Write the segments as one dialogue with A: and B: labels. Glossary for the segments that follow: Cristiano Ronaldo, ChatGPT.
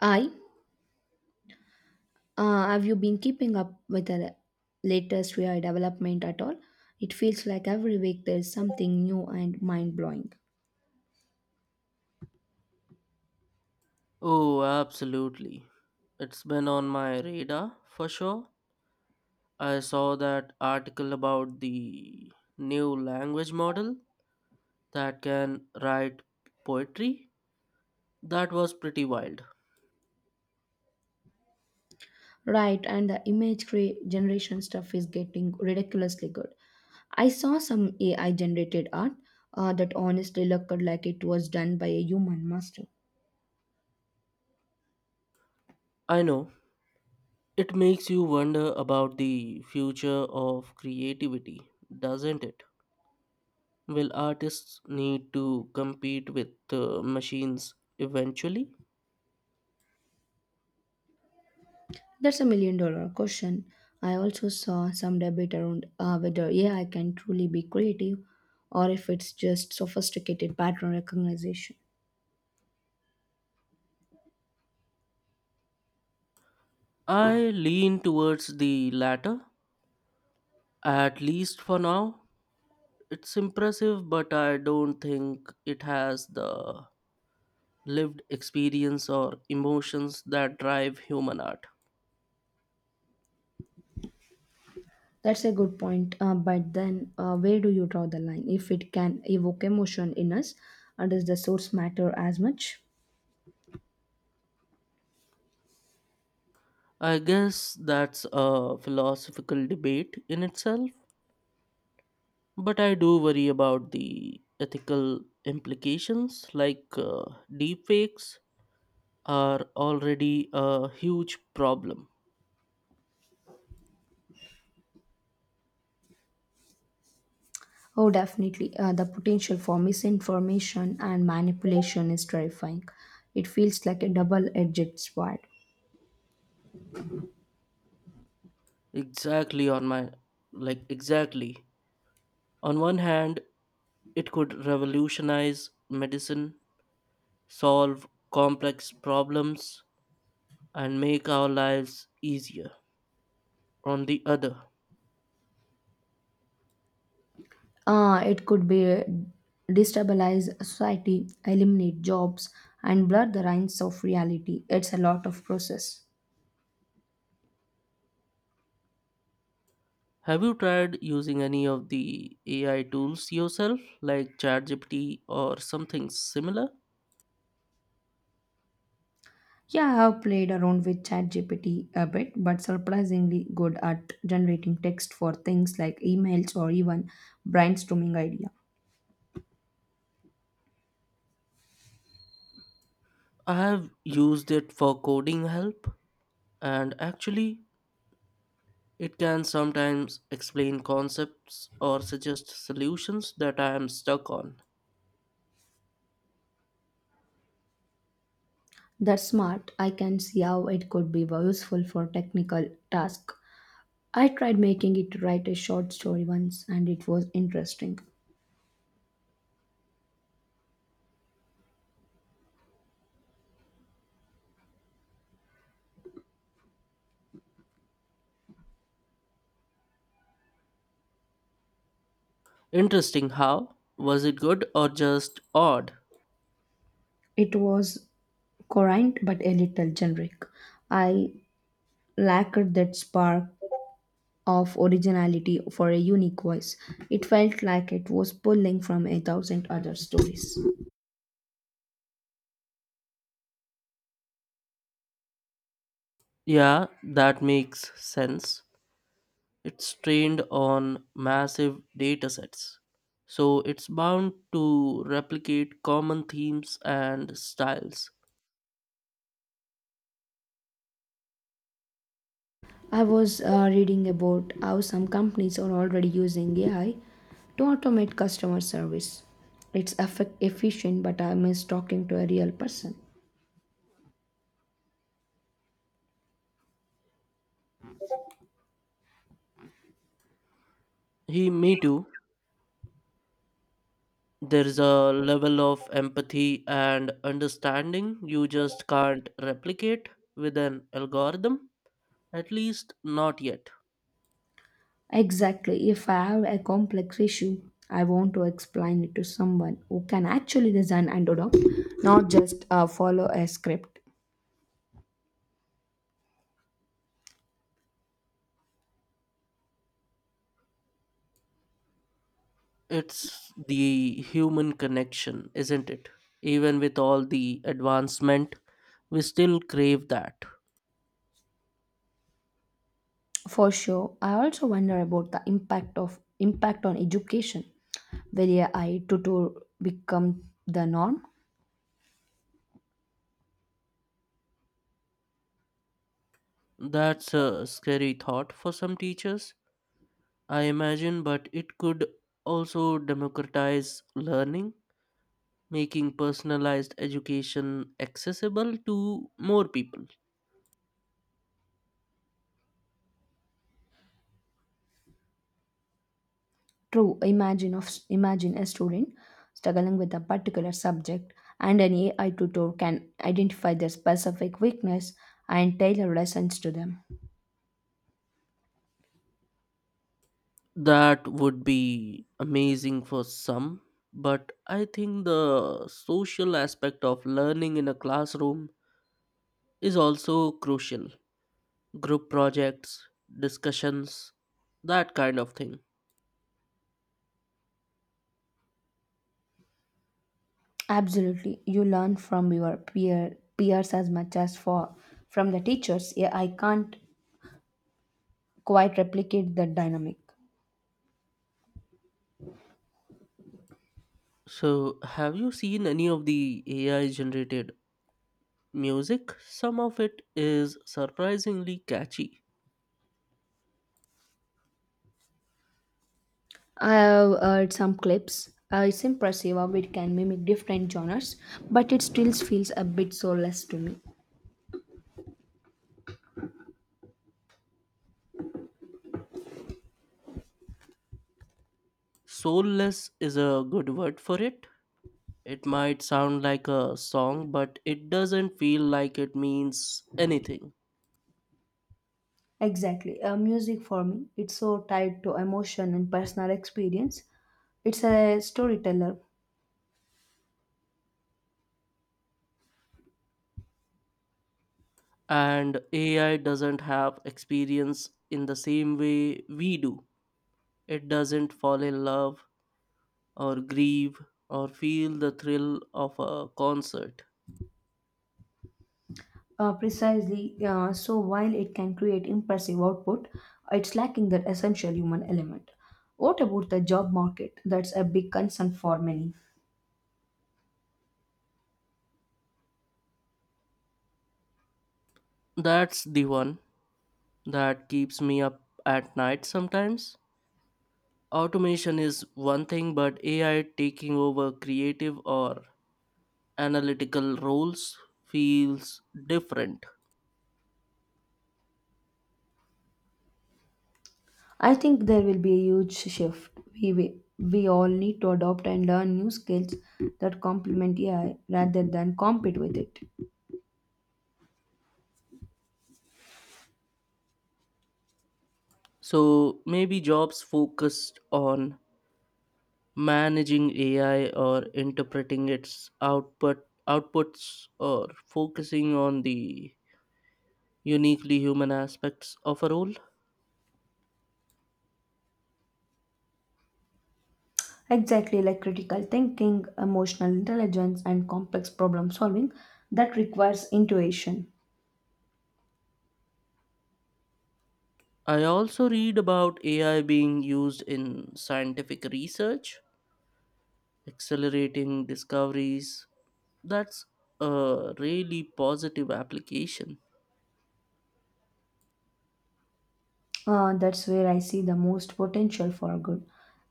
A: I have you been keeping up with the latest AI development at all? It feels like every week there's something new and mind blowing.
B: Oh, absolutely. It's been on my radar for sure. I saw that article about the new language model that can write poetry. That was pretty wild.
A: Right, and the generation stuff is getting ridiculously good. I saw some AI generated art that honestly looked like it was done by a human master.
B: I know. It makes you wonder about the future of creativity, doesn't it? Will artists need to compete with machines eventually?
A: That's a million dollar question. I also saw some debate around whether AI can truly be creative or if it's just sophisticated pattern recognition.
B: I lean towards the latter, at least for now. It's impressive, but I don't think it has the lived experience or emotions that drive human art.
A: That's a good point. But then, where do you draw the line? If it can evoke emotion in us, does the source matter as much?
B: I guess that's a philosophical debate in itself, but I do worry about the ethical implications, like deepfakes are already a huge problem.
A: Oh, definitely. The potential for misinformation and manipulation is terrifying. It feels like a double edged sword.
B: Exactly on my exactly. On one hand, it could revolutionize medicine solve complex problems, and make our lives easier. On the other,
A: It could be destabilize society, eliminate jobs, and blur the lines of reality. It's a lot of process.
B: have you tried using any of the AI tools yourself, like ChatGPT or something similar?
A: Yeah, I've played around with ChatGPT a bit, but surprisingly good at generating text for things like emails or even brainstorming idea.
B: I have used it for coding help, and actually, it can sometimes explain concepts or suggest solutions that I am stuck on.
A: That's smart. I can see how it could be useful for technical task. I tried making it write a short story once and it was interesting.
B: Interesting how? Was it good or just odd?
A: It was current but a little generic. I lacked that spark of originality for a unique voice. It felt like it was pulling from a thousand other stories.
B: Yeah, that makes sense. It's trained on massive datasets, so it's bound to replicate common themes and styles.
A: I was reading about how some companies are already using AI to automate customer service. It's efficient, but I miss talking to a real person.
B: He, me too. There is a level of empathy and understanding you just can't replicate with an algorithm, at least not yet.
A: Exactly. If I have a complex issue, I want to explain it to someone who can actually listen and adopt, not just follow a script.
B: It's the human connection, isn't it? Even with all the advancement, we still crave that.
A: For sure, I also wonder about the impact on education. Will AI tutor become the norm?
B: That's a scary thought for some teachers I imagine, but it could also democratize learning, making personalized education accessible to more people.
A: True, imagine a student struggling with a particular subject, and an AI tutor can identify their specific weakness and tailor lessons to them.
B: That would be amazing for some, but I think the social aspect of learning in a classroom is also crucial. Group projects, discussions, that kind of thing.
A: Absolutely, you learn from your peers as much as for from the teachers. AI can't quite replicate that dynamic.
B: So, have you seen any of the AI generated music? Some of it is surprisingly catchy.
A: I have heard some clips. It's impressive how it can mimic different genres, but it still feels a bit soulless to me.
B: Soulless is a good word for it. It might sound like a song, but it doesn't feel like it means anything.
A: Exactly. Music for me, it's so tied to emotion and personal experience. It's a storyteller.
B: And AI doesn't have experience in the same way we do. It doesn't fall in love or grieve or feel the thrill of a concert.
A: Precisely, so while it can create impressive output, it's lacking that essential human element. What about the job market? That's a big concern for many.
B: That's the one that keeps me up at night sometimes. Automation is one thing, but AI taking over creative or analytical roles feels different.
A: I think there will be a huge shift. We all need to adopt and learn new skills that complement AI rather than compete with it.
B: So maybe jobs focused on managing AI or interpreting its outputs or focusing on the uniquely human aspects of a role.
A: Exactly like critical thinking, emotional intelligence, and complex problem solving that requires intuition.
B: I also read about AI being used in scientific research, accelerating discoveries. That's a really positive application.
A: That's where I see the most potential for good.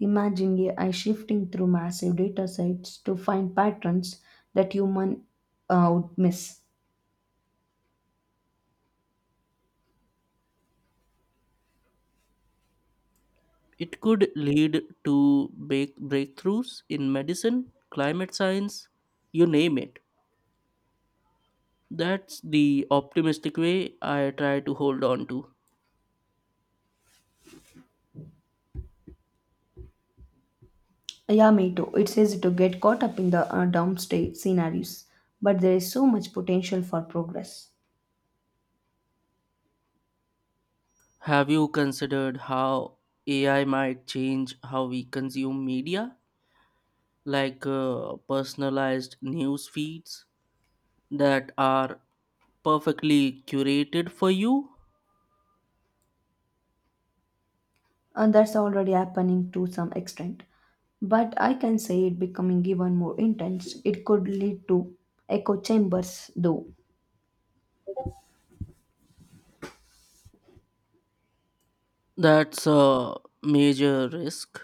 A: Imagine AI shifting through massive data sets to find patterns that human would miss.
B: It could lead to breakthroughs in medicine, climate science, you name it. That's the optimistic way I try to hold on to.
A: Yeah, me too. It's easy to get caught up in the doomsday scenarios, but there is so much potential for progress.
B: Have you considered how AI might change how we consume media? Like personalized news feeds that are perfectly curated for you?
A: And that's already happening to some extent. But I can say it becoming even more intense. It could lead to echo chambers, though.
B: That's a major risk.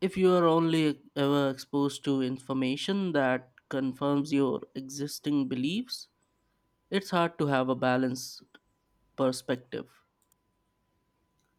B: If you are only ever exposed to information that confirms your existing beliefs, it's hard to have a balanced perspective.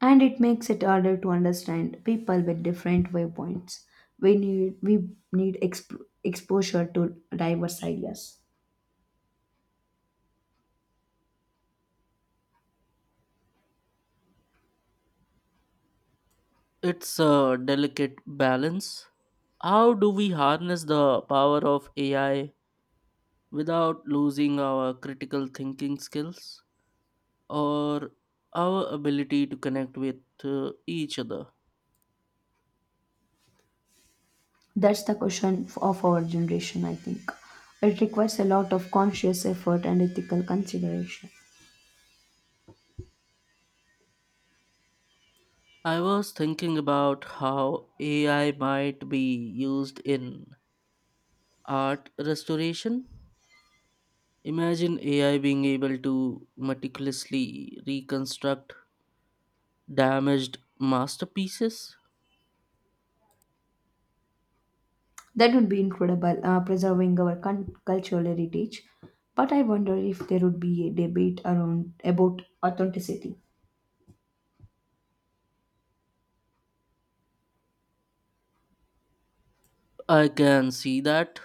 A: And it makes it harder to understand people with different viewpoints. We need exposure to diverse ideas.
B: It's a delicate balance. How do we harness the power of AI without losing our critical thinking skills or our ability to connect with each other?
A: That's the question of our generation, I think. It requires a lot of conscious effort and ethical consideration.
B: I was thinking about how AI might be used in art restoration. Imagine AI being able to meticulously reconstruct damaged masterpieces.
A: That would be incredible, preserving our cultural heritage. But I wonder if there would be a debate around about authenticity.
B: I can see that.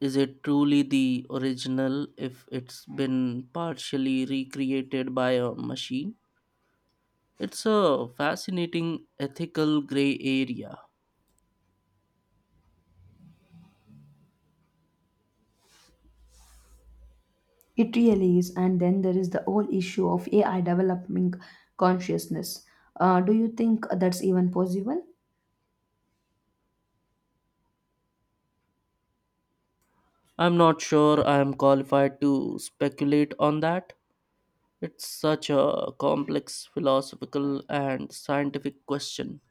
B: Is it truly the original if it's been partially recreated by a machine? It's a fascinating ethical gray area.
A: It really is, and then there is the whole issue of AI developing consciousness. Do you think that's even possible?
B: I'm not sure I am qualified to speculate on that. It's such a complex philosophical and scientific question.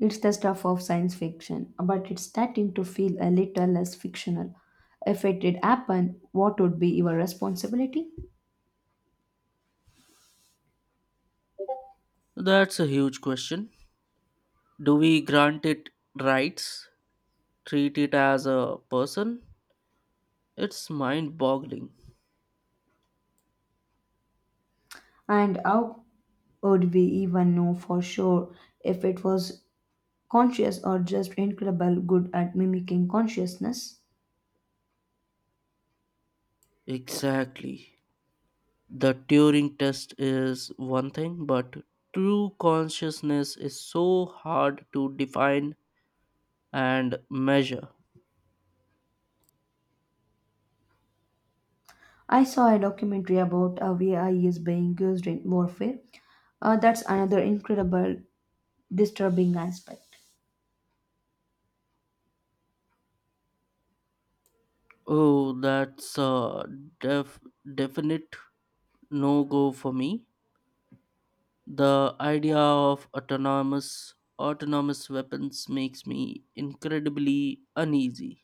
A: It's the stuff of science fiction, but it's starting to feel a little less fictional. If it did happen, what would be your responsibility?
B: That's a huge question. Do we grant it rights, treat it as a person? It's mind boggling.
A: And how would we even know for sure if it was conscious or just incredible good at mimicking consciousness?
B: Exactly. The Turing test is one thing, but true consciousness is so hard to define and measure.
A: I saw a documentary about how AI is being used in warfare. That's another incredible, disturbing aspect.
B: Oh, that's a def- definite no go for me. The idea of autonomous weapons makes me incredibly uneasy.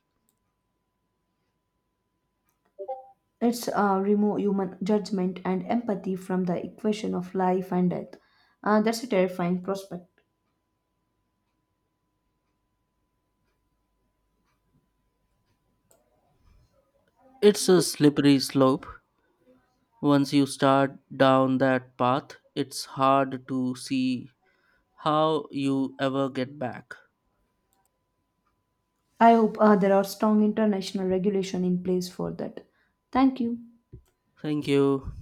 A: It's remove human judgment and empathy from the equation of life and death. That's a terrifying prospect.
B: It's a slippery slope. Once you start down that path, it's hard to see how you ever get back.
A: I hope there are strong international regulation in place for that. Thank you.
B: Thank you.